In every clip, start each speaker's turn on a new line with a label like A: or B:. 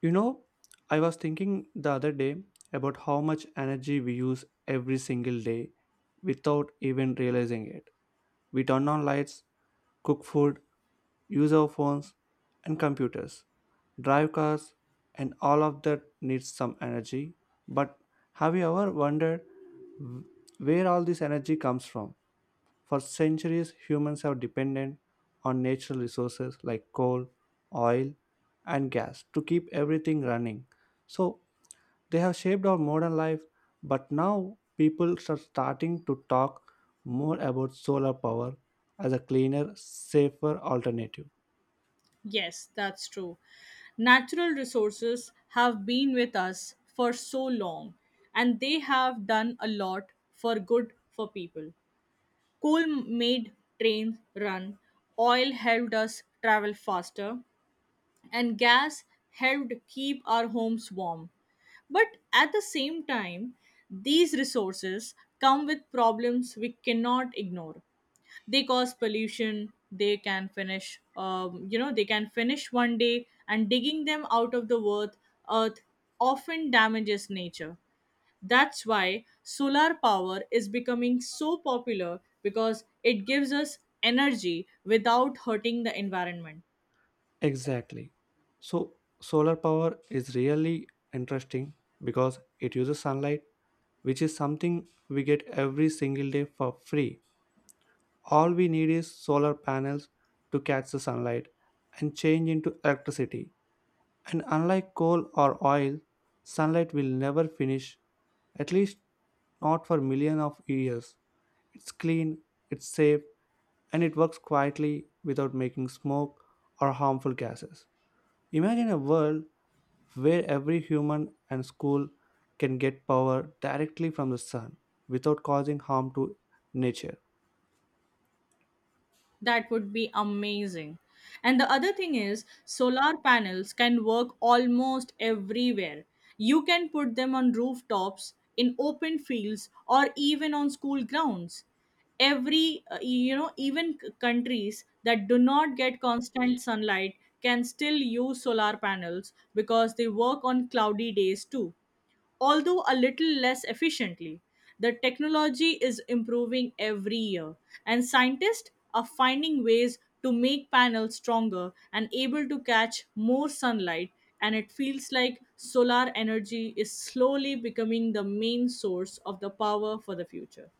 A: You know, I was thinking the other day about how much energy we use every single day without even realizing it. We turn on lights, cook food, use our phones and computers, drive cars, and all of that needs some energy. But have you ever wondered wh- where all this energy comes from? For centuries, humans have depended on natural resources like coal, oil, and gas to keep everything running. So they have shaped our modern life, but now people are starting to talk more about solar power as a cleaner, safer alternative.
B: Yes, that's true. Natural resources have been with us for so long and they have done a lot for good for people. Coal made trains run, oil helped us travel faster, and gas helped keep our homes warm. But at the same time, these resources come with problems we cannot ignore. They cause pollution. They can finish. They can finish one day, and digging them out of the earth often damages nature. That's why solar power is becoming so popular, because it gives us energy without hurting the environment.
A: Exactly. So solar power is really interesting because it uses sunlight, which is something we get every single day for free. All we need is solar panels to catch the sunlight and change into electricity. And unlike coal or oil, sunlight will never finish, at least not for millions of years. It's clean, it's safe, and it works quietly without making smoke or harmful gases. Imagine a world where every human and school can get power directly from the sun without causing harm to nature.
B: That would be amazing. And the other thing is, solar panels can work almost everywhere. You can put them on rooftops, in open fields, or even on school grounds. Even countries that do not get constant sunlight can still use solar panels, because they work on cloudy days too, although a little less efficiently. The technology is improving every year, and scientists are finding ways to make panels stronger and able to catch more sunlight. And it feels like solar energy is slowly becoming the main source of the power for the future.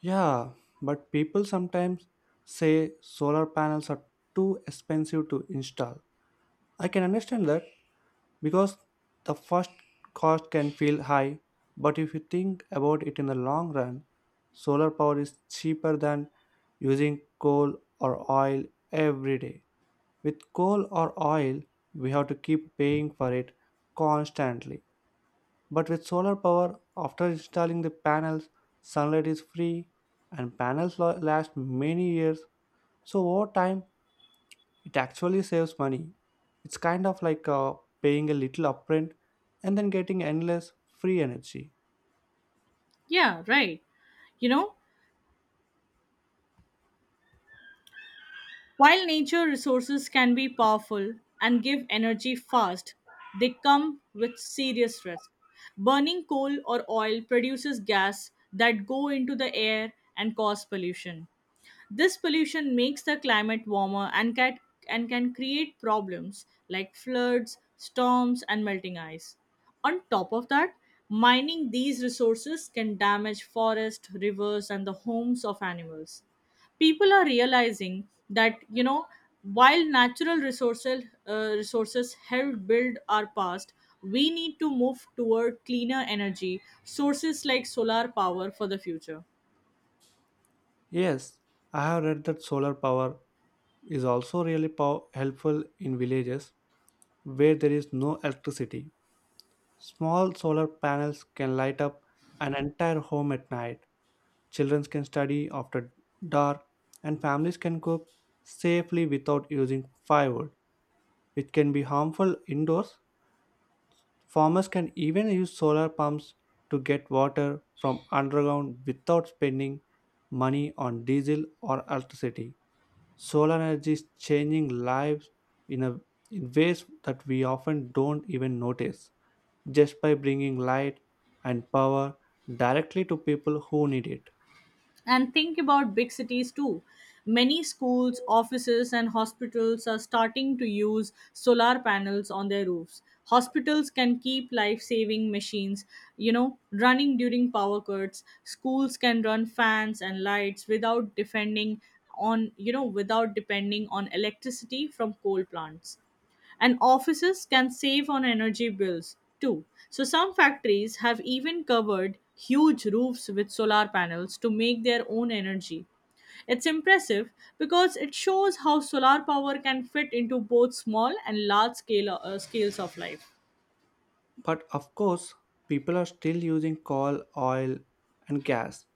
A: Yeah, but people sometimes say solar panels are too expensive to install. I can understand that because the first cost can feel high, but if you think about it in the long run, solar power is cheaper than using coal or oil every day. With coal or oil, we have to keep paying for it constantly. But with solar power, after installing the panels, sunlight is free and panels last many years. So over time, it actually saves money. It's kind of like paying a little upfront and then getting endless free energy.
B: Yeah, right. You know, While nature resources can be powerful and give energy fast, they come with serious risks. Burning coal or oil produces gas that go into the air and cause pollution. This pollution makes the climate warmer, and can create problems like floods, storms, and melting ice. On top of that, mining these resources can damage forests, rivers, and the homes of animals. People are realizing that, while natural resources helped build our past, we need to move toward cleaner energy sources like solar power for the future.
A: Yes, I have read that solar power is also really helpful in villages where there is no electricity. Small solar panels can light up an entire home at night. Children can study after dark, and families can cook safely without using firewood, which can be harmful indoors. Farmers can even use solar pumps to get water from underground without spending money on diesel or electricity. Solar energy is changing lives in, a, in ways that we often don't even notice, just by bringing light and power directly to people who need it.
B: And think about big cities too. Many schools, offices, and hospitals are starting to use solar panels on their roofs. Hospitals can keep life saving machines, running during power cuts. Schools can run fans and lights without depending on, you know, without depending on electricity from coal plants. And offices can save on energy bills too. So, some factories have even covered huge roofs with solar panels to make their own energy. It's impressive, because it shows how solar power can fit into both small and large scales of life.
A: But of course, people are still using coal, oil, and gas,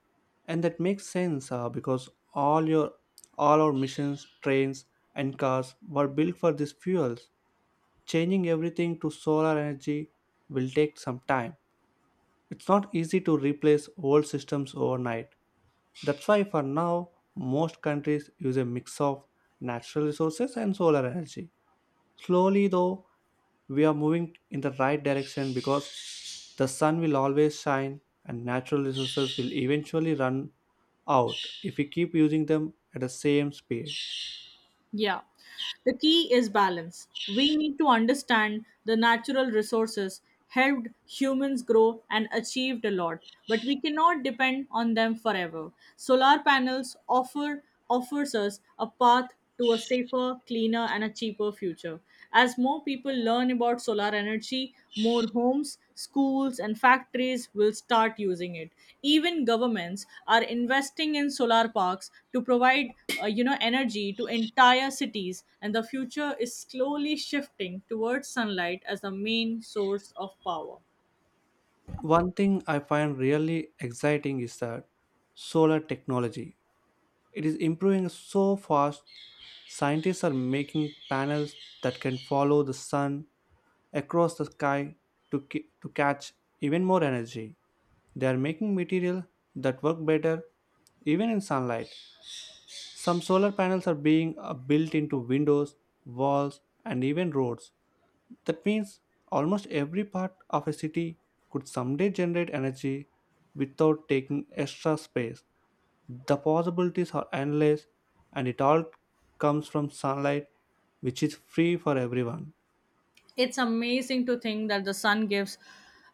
A: and that makes sense because all our missions, trains, and cars were built for these fuels. Changing everything to solar energy will take some time. It's not easy to replace old systems overnight. That's why for now most countries use a mix of natural resources and solar energy. Slowly though, we are moving in the right direction because the sun will always shine, and natural resources will eventually run out if we keep using them at the same speed.
B: Yeah. The key is balance. We need to understand the natural resources helped humans grow and achieved a lot, but we cannot depend on them forever. Solar panels offer offers us a path to a safer, cleaner and a cheaper future. As more people learn about solar energy, more homes, schools, and factories will start using it. Even governments are investing in solar parks to provide, energy to entire cities, and the future is slowly shifting towards sunlight as the main source of power.
A: One thing I find really exciting is that solar technology. It is improving so fast, scientists are making panels that can follow the sun across the sky to catch even more energy. They are making material that work better even in sunlight. Some solar panels are being built into windows, walls, and even roads. That means almost every part of a city could someday generate energy without taking extra space. The possibilities are endless, and it all comes from sunlight, which is free for everyone.
B: It's amazing to think that the sun gives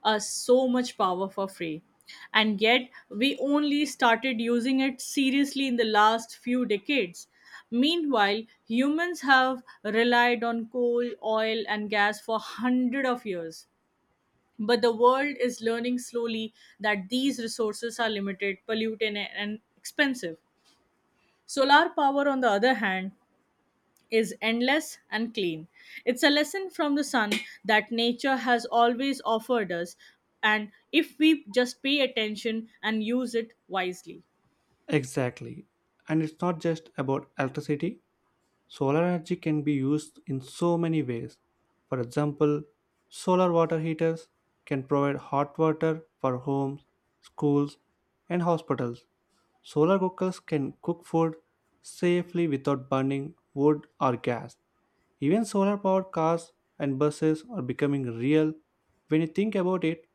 B: us so much power for free, and yet we only started using it seriously in the last few decades. Meanwhile, humans have relied on coal, oil, and gas for hundreds of years, but the world is learning slowly that these resources are limited, polluted, and expensive. Solar power, on the other hand, is endless and clean. It's a lesson from the sun that nature has always offered us, and if we just pay attention and use it wisely.
A: Exactly. And it's not just about electricity. Solar energy can be used in so many ways. For example, solar water heaters can provide hot water for homes, schools, and hospitals. Solar cookers can cook food safely without burning wood or gas. Even solar powered cars and buses are becoming real. When you think about it,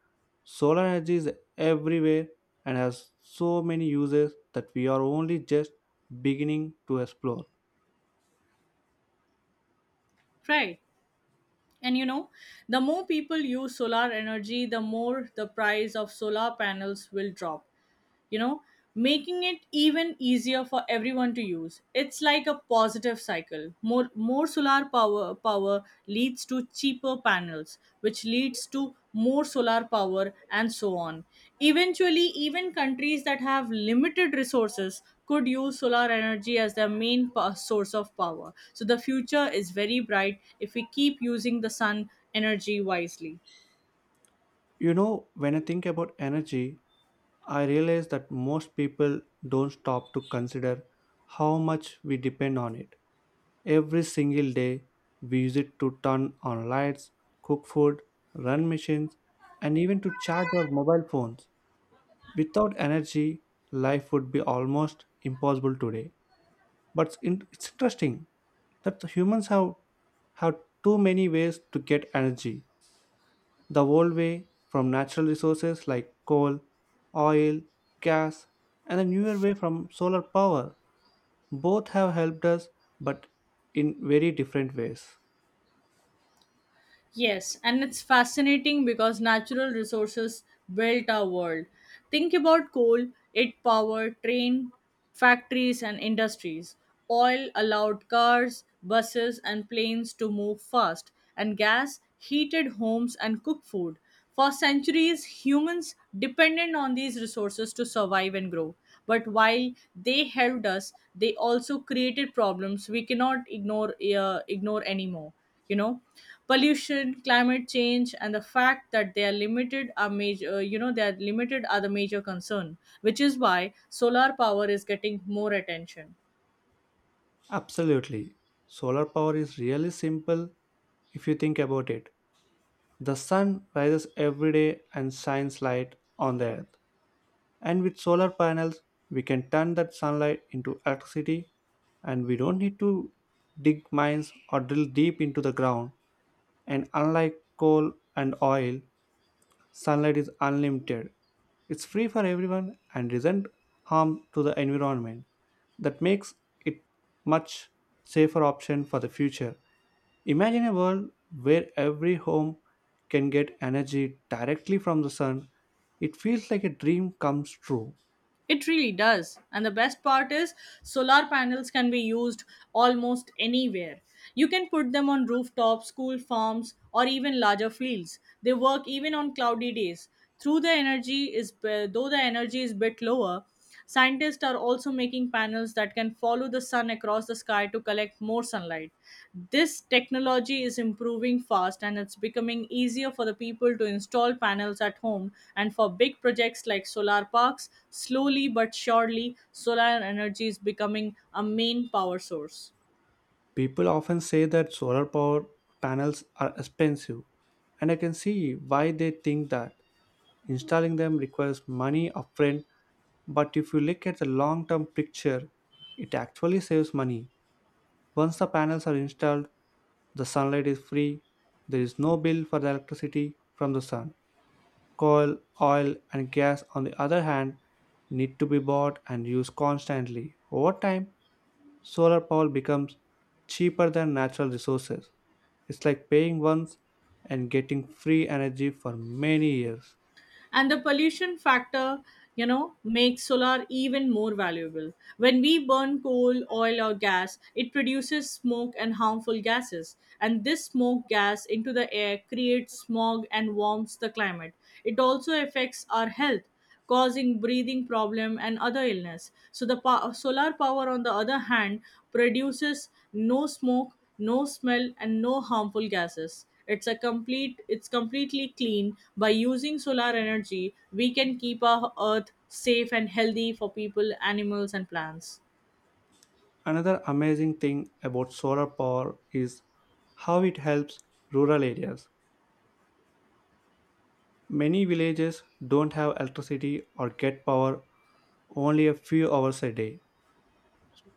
A: solar energy is everywhere and has so many uses that we are only just beginning to explore.
B: Right. And the more people use solar energy, the more the price of solar panels will drop, you know making it even easier for everyone to use. It's like a positive cycle. More solar power leads to cheaper panels, which leads to more solar power, and so on. Eventually, even countries that have limited resources could use solar energy as their main source of power. So the future is very bright if we keep using the sun energy wisely.
A: You know, when I think about energy, I realize that most people don't stop to consider how much we depend on it. Every single day, we use it to turn on lights, cook food, run machines, and even to charge our mobile phones. Without energy, life would be almost impossible today. But it's interesting that the humans have too many ways to get energy, the old way from natural resources like coal, oil, gas, and the newer way from solar power. Both have helped us, but in very different ways.
B: Yes, and it's fascinating, because natural resources built our world. Think about coal, it powered train, factories, and industries. Oil allowed cars, buses, and planes to move fast, and gas heated homes and cooked food. For centuries, humans depended on these resources to survive and grow. But while they helped us, they also created problems we cannot ignore anymore. you know Pollution, climate change, and the fact that they are limited are major, they are limited are the major concern, which is why solar power is getting more attention.
A: Absolutely. Solar power is really simple if you think about it. The sun rises every day and shines light on the earth. And with solar panels, we can turn that sunlight into electricity and we don't need to dig mines or drill deep into the ground. And unlike coal and oil, sunlight is unlimited. It's free for everyone and isn't harm to the environment. That makes it much safer option for the future. Imagine a world where every home can get energy directly from the sun. It feels like a dream comes true.
B: It really does, and the best part is solar panels can be used almost anywhere. You can put them on rooftops, school farms, or even larger fields. They work even on cloudy days, through the energy is though the energy is bit lower. Scientists are also making panels that can follow the sun across the sky to collect more sunlight. This technology is improving fast, and it's becoming easier for the people to install panels at home. And for big projects like solar parks, slowly but surely, solar energy is becoming a main power source.
A: People often say that solar power panels are expensive, and I can see why they think that. Installing them requires money upfront, but if you look at the long term picture, it actually saves money. Once the panels are installed, the sunlight is free, there is no bill for the electricity from the sun. Coal, oil, and gas, on the other hand, need to be bought and used constantly. Over time, solar power becomes cheaper than natural resources. It's like paying once and getting free energy for many years.
B: And the pollution factor, makes solar even more valuable. When we burn coal, oil, or gas, it produces smoke and harmful gases, and this smoke gas into the air creates smog and warms the climate. It also affects our health, causing breathing problem and other illness. So the solar power, on the other hand, produces no smoke, no smell, and no harmful gases. It's a complete it's completely clean. By using solar energy, we can keep our earth safe and healthy for people, animals, and plants.
A: Another amazing thing about solar power is how it helps rural areas. Many villages don't have electricity or get power only a few hours a day.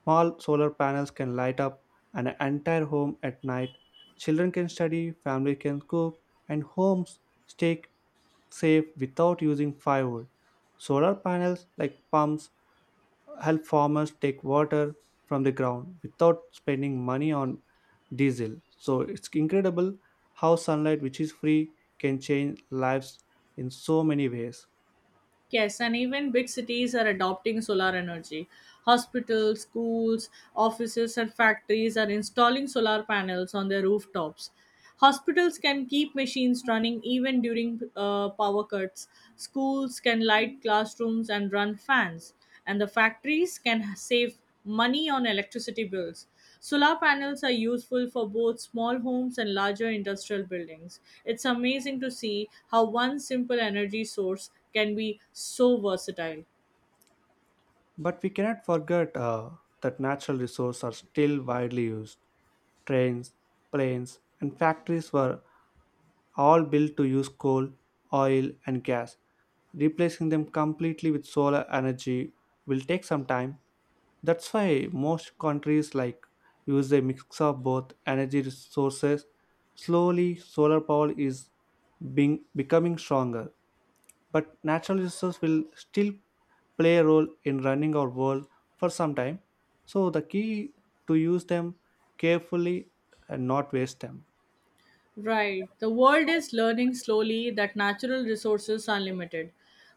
A: Small solar panels can light up an entire home at night. Children can study, family can cook, and homes stay safe without using firewood. Solar panels like pumps help farmers take water from the ground without spending money on diesel. So it's incredible how sunlight, which is free, can change lives in so many ways.
B: Yes, and even big cities are adopting solar energy. Hospitals, schools, offices, and factories are installing solar panels on their rooftops. Hospitals can keep machines running even during power cuts. Schools can light classrooms and run fans. And the factories can save money on electricity bills. Solar panels are useful for both small homes and larger industrial buildings. It's amazing to see how one simple energy source can be so versatile.
A: But we cannot forget that natural resources are still widely used. Trains, planes, and factories were all built to use coal, oil, and gas. Replacing them completely with solar energy will take some time. That's why most countries like use a mix of both energy resources. Slowly, solar power is being becoming stronger but natural resources will still play a role in running our world for some time. So the key to use them carefully and not waste them.
B: Right. The world is learning slowly that natural resources are limited.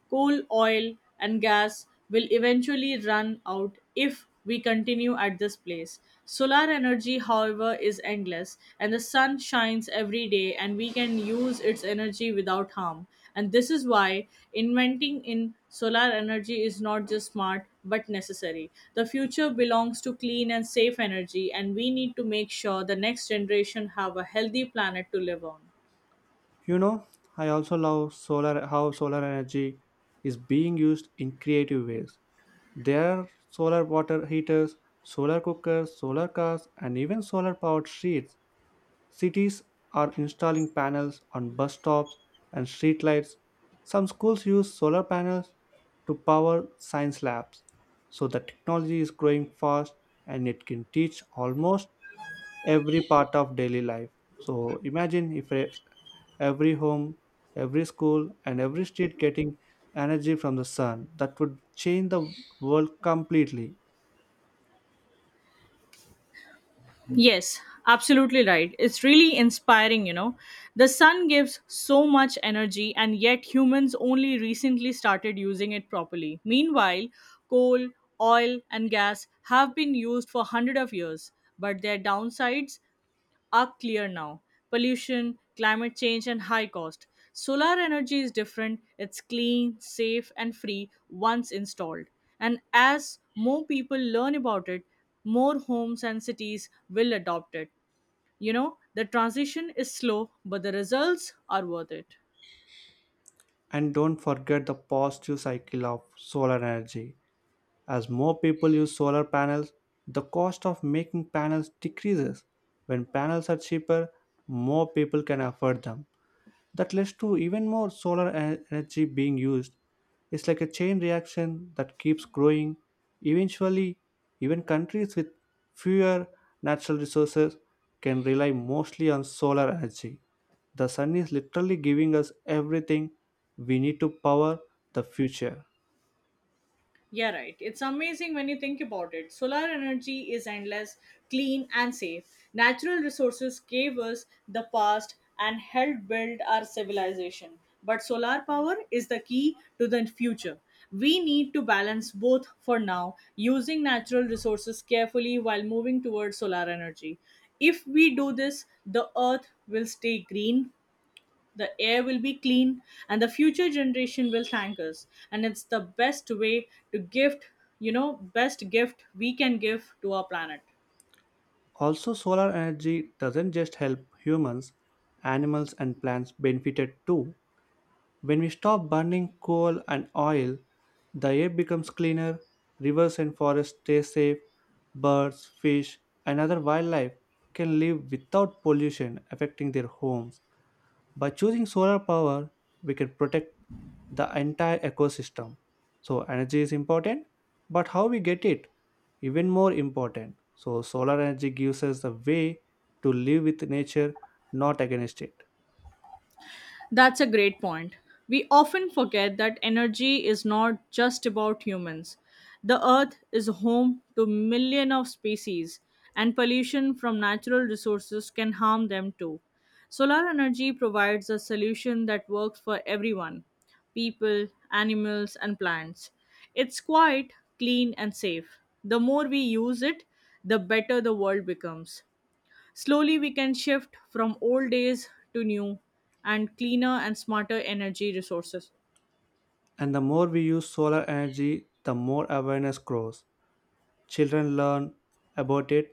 B: Coal, oil, and gas will eventually run out if we continue at this pace. Solar energy, however, is endless, and the sun shines every day, and we can use its energy without harm. And this is why inventing in solar energy is not just smart, but necessary. The future belongs to clean and safe energy, and we need to make sure the next generation have a healthy planet to live on.
A: You know, I also love solar how solar energy is being used in creative ways. There are solar water heaters, solar cookers, solar cars, and even solar powered streets. Cities are installing panels on bus stops and streetlights. Some schools use solar panels to power science labs. So the technology is growing fast and it can teach almost every part of daily life. So imagine if every home, every school, and every street getting energy from the sun. That would change the world completely.
B: Yes, absolutely right. It's really inspiring. The sun gives so much energy, and yet humans only recently started using it properly. Meanwhile, coal, oil, and gas have been used for hundreds of years, but their downsides are clear now. Pollution, climate change, and high cost. Solar energy is different, it's clean, safe, and free once installed. And as more people learn about it, more homes and cities will adopt it. The transition is slow, but the results are worth it.
A: And don't forget the positive cycle of solar energy. As more people use solar panels, the cost of making panels decreases. When panels are cheaper, more people can afford them. That leads to even more solar energy being used. It's like a chain reaction that keeps growing. Eventually, even countries with fewer natural resources can rely mostly on solar energy. The sun is literally giving us everything we need to power the future.
B: Yeah, right. It's amazing when you think about it. Solar energy is endless, clean, and safe. Natural resources gave us the past and helped build our civilization. But solar power is the key to the future. We need to balance both for now, using natural resources carefully while moving towards solar energy. If we do this, the earth will stay green, the air will be clean, and the future generation will thank us, and it's the best way to gift, you know best gift we can give to our planet.
A: Also, solar energy doesn't just help humans, animals, and plants benefited too. When we stop burning coal and oil, the air becomes cleaner, rivers and forests stay safe, birds, fish, and other wildlife can live without pollution affecting their homes. By choosing solar power, we can protect the entire ecosystem. So, energy is important, but how we get it even more important, so solar energy gives us the way to live with nature, not against it.
B: That's a great point. We often forget that energy is not just about humans. The earth is home to millions of species, and pollution from natural resources can harm them too. Solar energy provides a solution that works for everyone, people, animals, and plants. It's quite clean and safe. The more we use it, the better the world becomes. Slowly, we can shift from old days to new and cleaner and smarter energy resources.
A: And the more we use solar energy, the more awareness grows. Children learn about it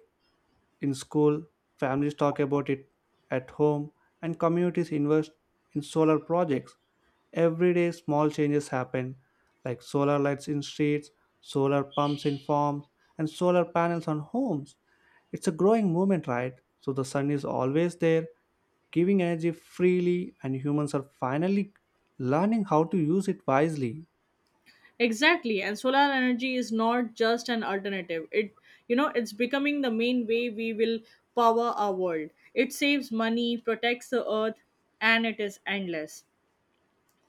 A: in school, families talk about it at home, and communities invest in solar projects. Every day, small changes happen, like solar lights in streets, solar pumps in farms, and solar panels on homes. It's a growing movement, right? So the sun is always there, giving energy freely, and humans are finally learning how to use it wisely.
B: Exactly, and solar energy is not just an alternative. It, it's becoming the main way we will power our world. It saves money, protects the earth, and it is endless.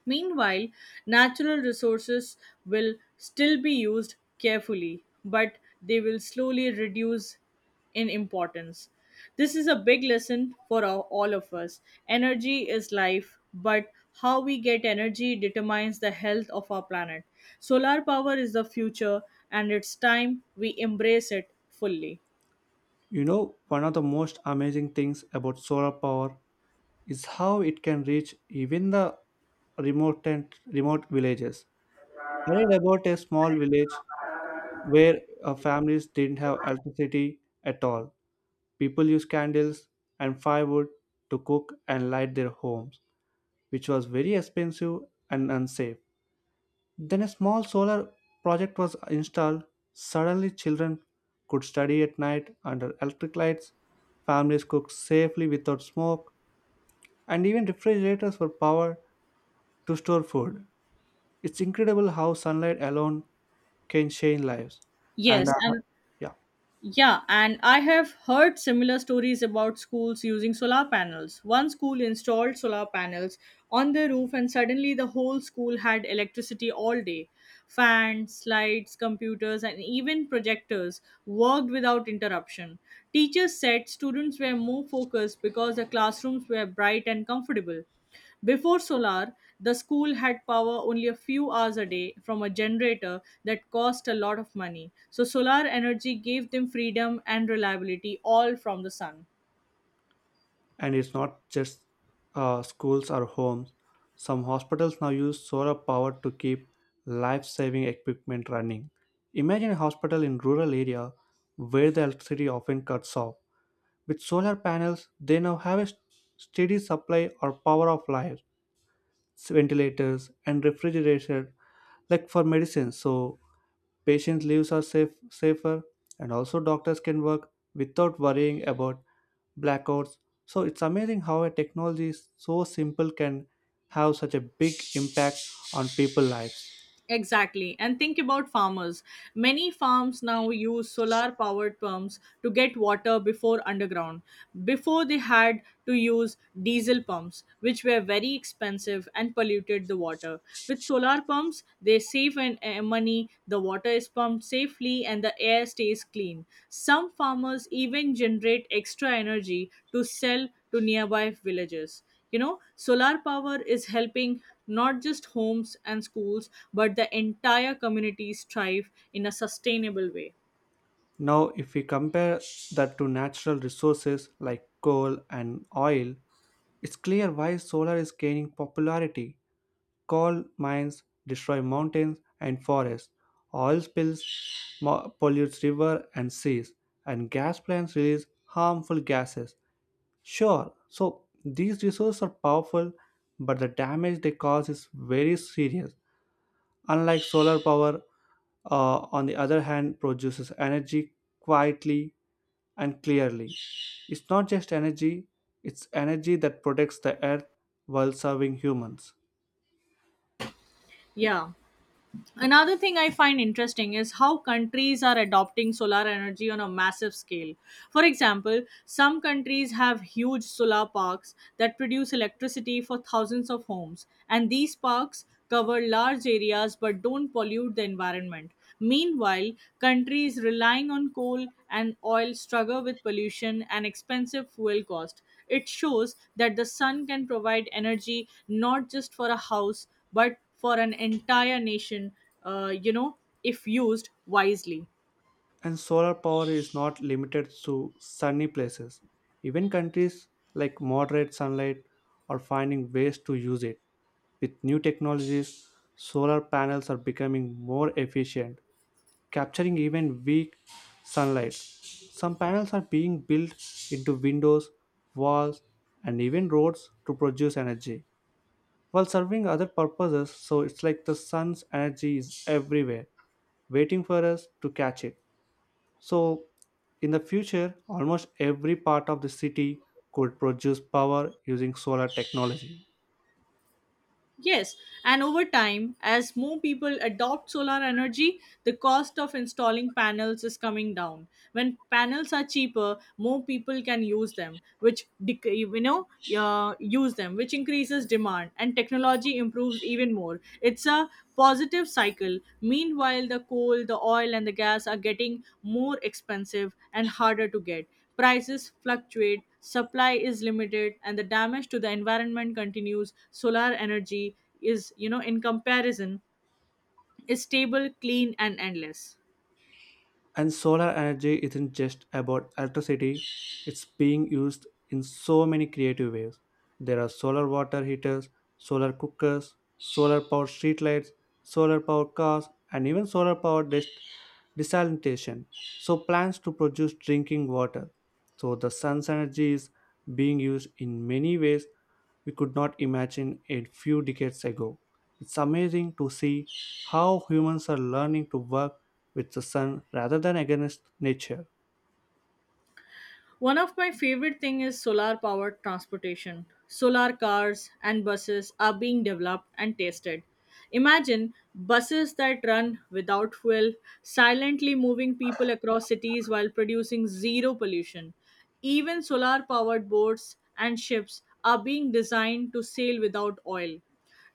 B: Meanwhile, natural resources will still be used carefully, but they will slowly reduce in importance. This is a big lesson for all of us. Energy is life, but how we get energy determines the health of our planet. Solar power is the future, and it's time we embrace it fully.
A: You know, one of the most amazing things about solar power is how it can reach even the remote and remote villages. I read about a small village where families didn't have electricity at all. People used candles and firewood to cook and light their homes, which was very expensive and unsafe. Then a small solar project was installed. Suddenly, children could study at night under electric lights, families cooked safely without smoke, and even refrigerators were powered to store food. It's incredible how sunlight alone can change lives. And
B: Yes,
A: uh,
B: and
A: yeah,
B: Yeah, and I have heard similar stories about schools using solar panels. One school installed solar panels on the roof, and suddenly the whole school had electricity all day. Fans, lights, computers, and even projectors worked without interruption. Teachers said students were more focused because the classrooms were bright and comfortable. Before solar, the school had power only a few hours a day from a generator that cost a lot of money. So, solar energy gave them freedom and reliability all from the sun.
A: and it's not just schools or homes. Some hospitals now use solar power to keep life-saving equipment running. Imagine a hospital in rural area where the electricity often cuts off. With solar panels, they now have a steady supply or power of life, ventilators and refrigerators like for medicine. So patients' lives are safe, safer, and also doctors can work without worrying about blackouts. So it's amazing how a technology is so simple can have such a big impact on people's lives.
B: Exactly. And think about farmers. Many farms now use solar powered pumps to get water before underground. Before they had to use diesel pumps, which were very expensive and polluted the water. With solar pumps, they save money, the water is pumped safely, and the air stays clean. Some farmers even generate extra energy to sell to nearby villages. Solar power is helping not just homes and schools, but the entire communities thrive in a sustainable way.
A: Now, if we compare that to natural resources like coal and oil, it's clear why solar is gaining popularity. Coal mines destroy mountains and forests. Oil spills pollutes river and seas, and gas plants release harmful gases. Sure, so these resources are powerful, but the damage they cause is very serious. Unlike solar power, on the other hand, produces energy quietly and clearly. It's not just energy, it's energy that protects the earth while serving humans.
B: Yeah, another thing I find interesting is how countries are adopting solar energy on a massive scale. For example, some countries have huge solar parks that produce electricity for thousands of homes, and these parks cover large areas but don't pollute the environment. Meanwhile, countries relying on coal and oil struggle with pollution and expensive fuel cost. It shows that the sun can provide energy not just for a house but for an entire nation, uh, you know, if used wisely.
A: And solar power is not limited to sunny places. Even countries like moderate sunlight are finding ways to use it. With new technologies, solar panels are becoming more efficient, capturing even weak sunlight. Some panels are being built into windows, walls, and even roads to produce energy while serving other purposes. So it's like the sun's energy is everywhere, waiting for us to catch it. So, in the future, almost every part of the city could produce power using solar technology.
B: Yes, and over time, as more people adopt solar energy, the cost of installing panels is coming down. When panels are cheaper, more people can use them, which dec- you know use them, which increases demand, and technology improves even more. It's a positive cycle. Meanwhile, the coal, the oil, and the gas are getting more expensive and harder to get. Prices fluctuate, supply is limited, and the damage to the environment continues. Solar energy is, in comparison, is stable, clean, and endless.
A: And solar energy isn't just about electricity, it's being used in so many creative ways. There are solar water heaters, solar cookers, solar powered streetlights, solar powered cars, and even solar powered desalination. So, plants to produce drinking water. So, the sun's energy is being used in many ways we could not imagine a few decades ago. It's amazing to see how humans are learning to work with the sun rather than against nature.
B: One of my favorite thing is solar powered transportation. Solar cars and buses are being developed and tested. Imagine buses that run without fuel, silently moving people across cities while producing zero pollution. Even solar powered boats and ships are being designed to sail without oil.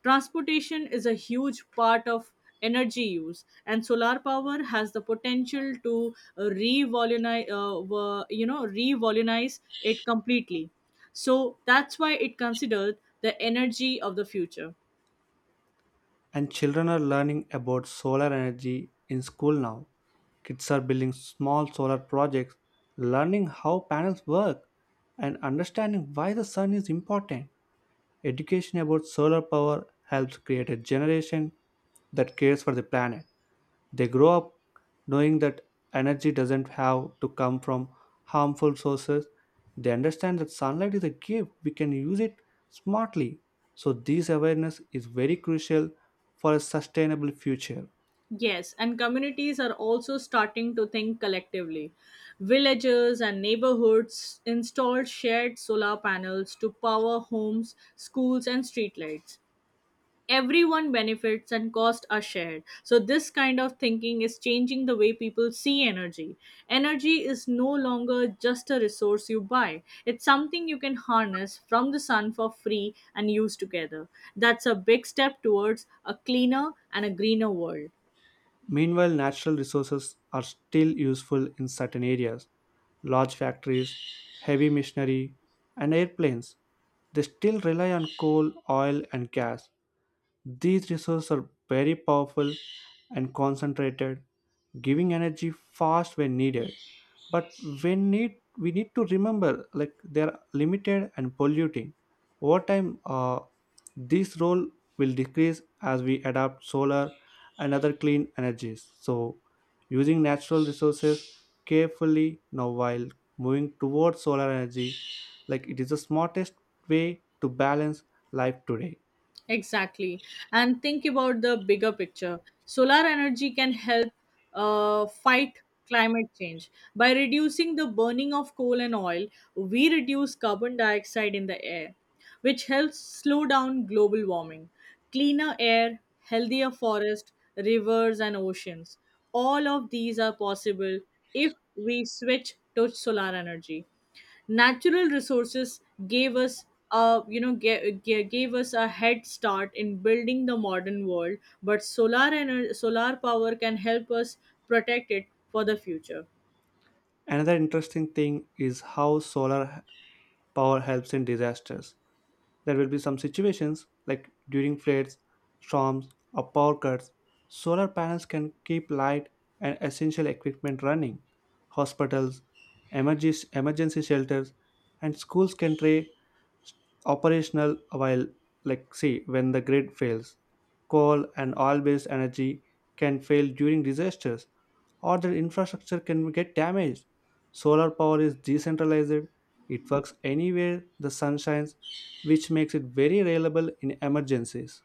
B: Transportation is a huge part of energy use, and solar power has the potential to revolutionize, wo- you know, revolutionize it completely. So that's why it considered the energy of the future.
A: And children are learning about solar energy in school now. Kids are building small solar projects, learning how panels work, and understanding why the sun is important. Education about solar power helps create a generation that cares for the planet. They grow up knowing that energy doesn't have to come from harmful sources. They understand that sunlight is a gift, we can use it smartly. So, this awareness is very crucial for a sustainable future.
B: Yes, and communities are also starting to think collectively. Villages and neighborhoods installed shared solar panels to power homes, schools, and streetlights. Everyone benefits and costs are shared. So this kind of thinking is changing the way people see energy. Energy is no longer just a resource you buy, it's something you can harness from the sun for free and use together. That's a big step towards a cleaner and a greener world.
A: Meanwhile, natural resources are still useful in certain areas. Large factories, heavy machinery, and airplanes. They still rely on coal, oil, and gas. These resources are very powerful and concentrated, giving energy fast when needed. But when need we need to remember like they are limited and polluting. Over time, this role will decrease as we adapt solar and other clean energies. So, using natural resources carefully now while moving towards solar energy, like it is the smartest way to balance life today.
B: Exactly. And think about the bigger picture. Solar energy can help fight climate change. By reducing the burning of coal and oil, we reduce carbon dioxide in the air, which helps slow down global warming. Cleaner air, healthier forests, rivers, and oceans. All of these are possible if we switch to solar energy. Natural resources gave us a head start in building the modern world, but solar power can help us protect it for the future.
A: Another interesting thing is how solar power helps in disasters. There will be some situations like during floods, storms, or power cuts, solar panels can keep light and essential equipment running. Hospitals, emergency shelters, and schools can stay operational while, like, say, when the grid fails. Coal and oil based energy can fail during disasters, or their infrastructure can get damaged. Solar power is decentralized it works anywhere the sun shines, which makes it very reliable in emergencies.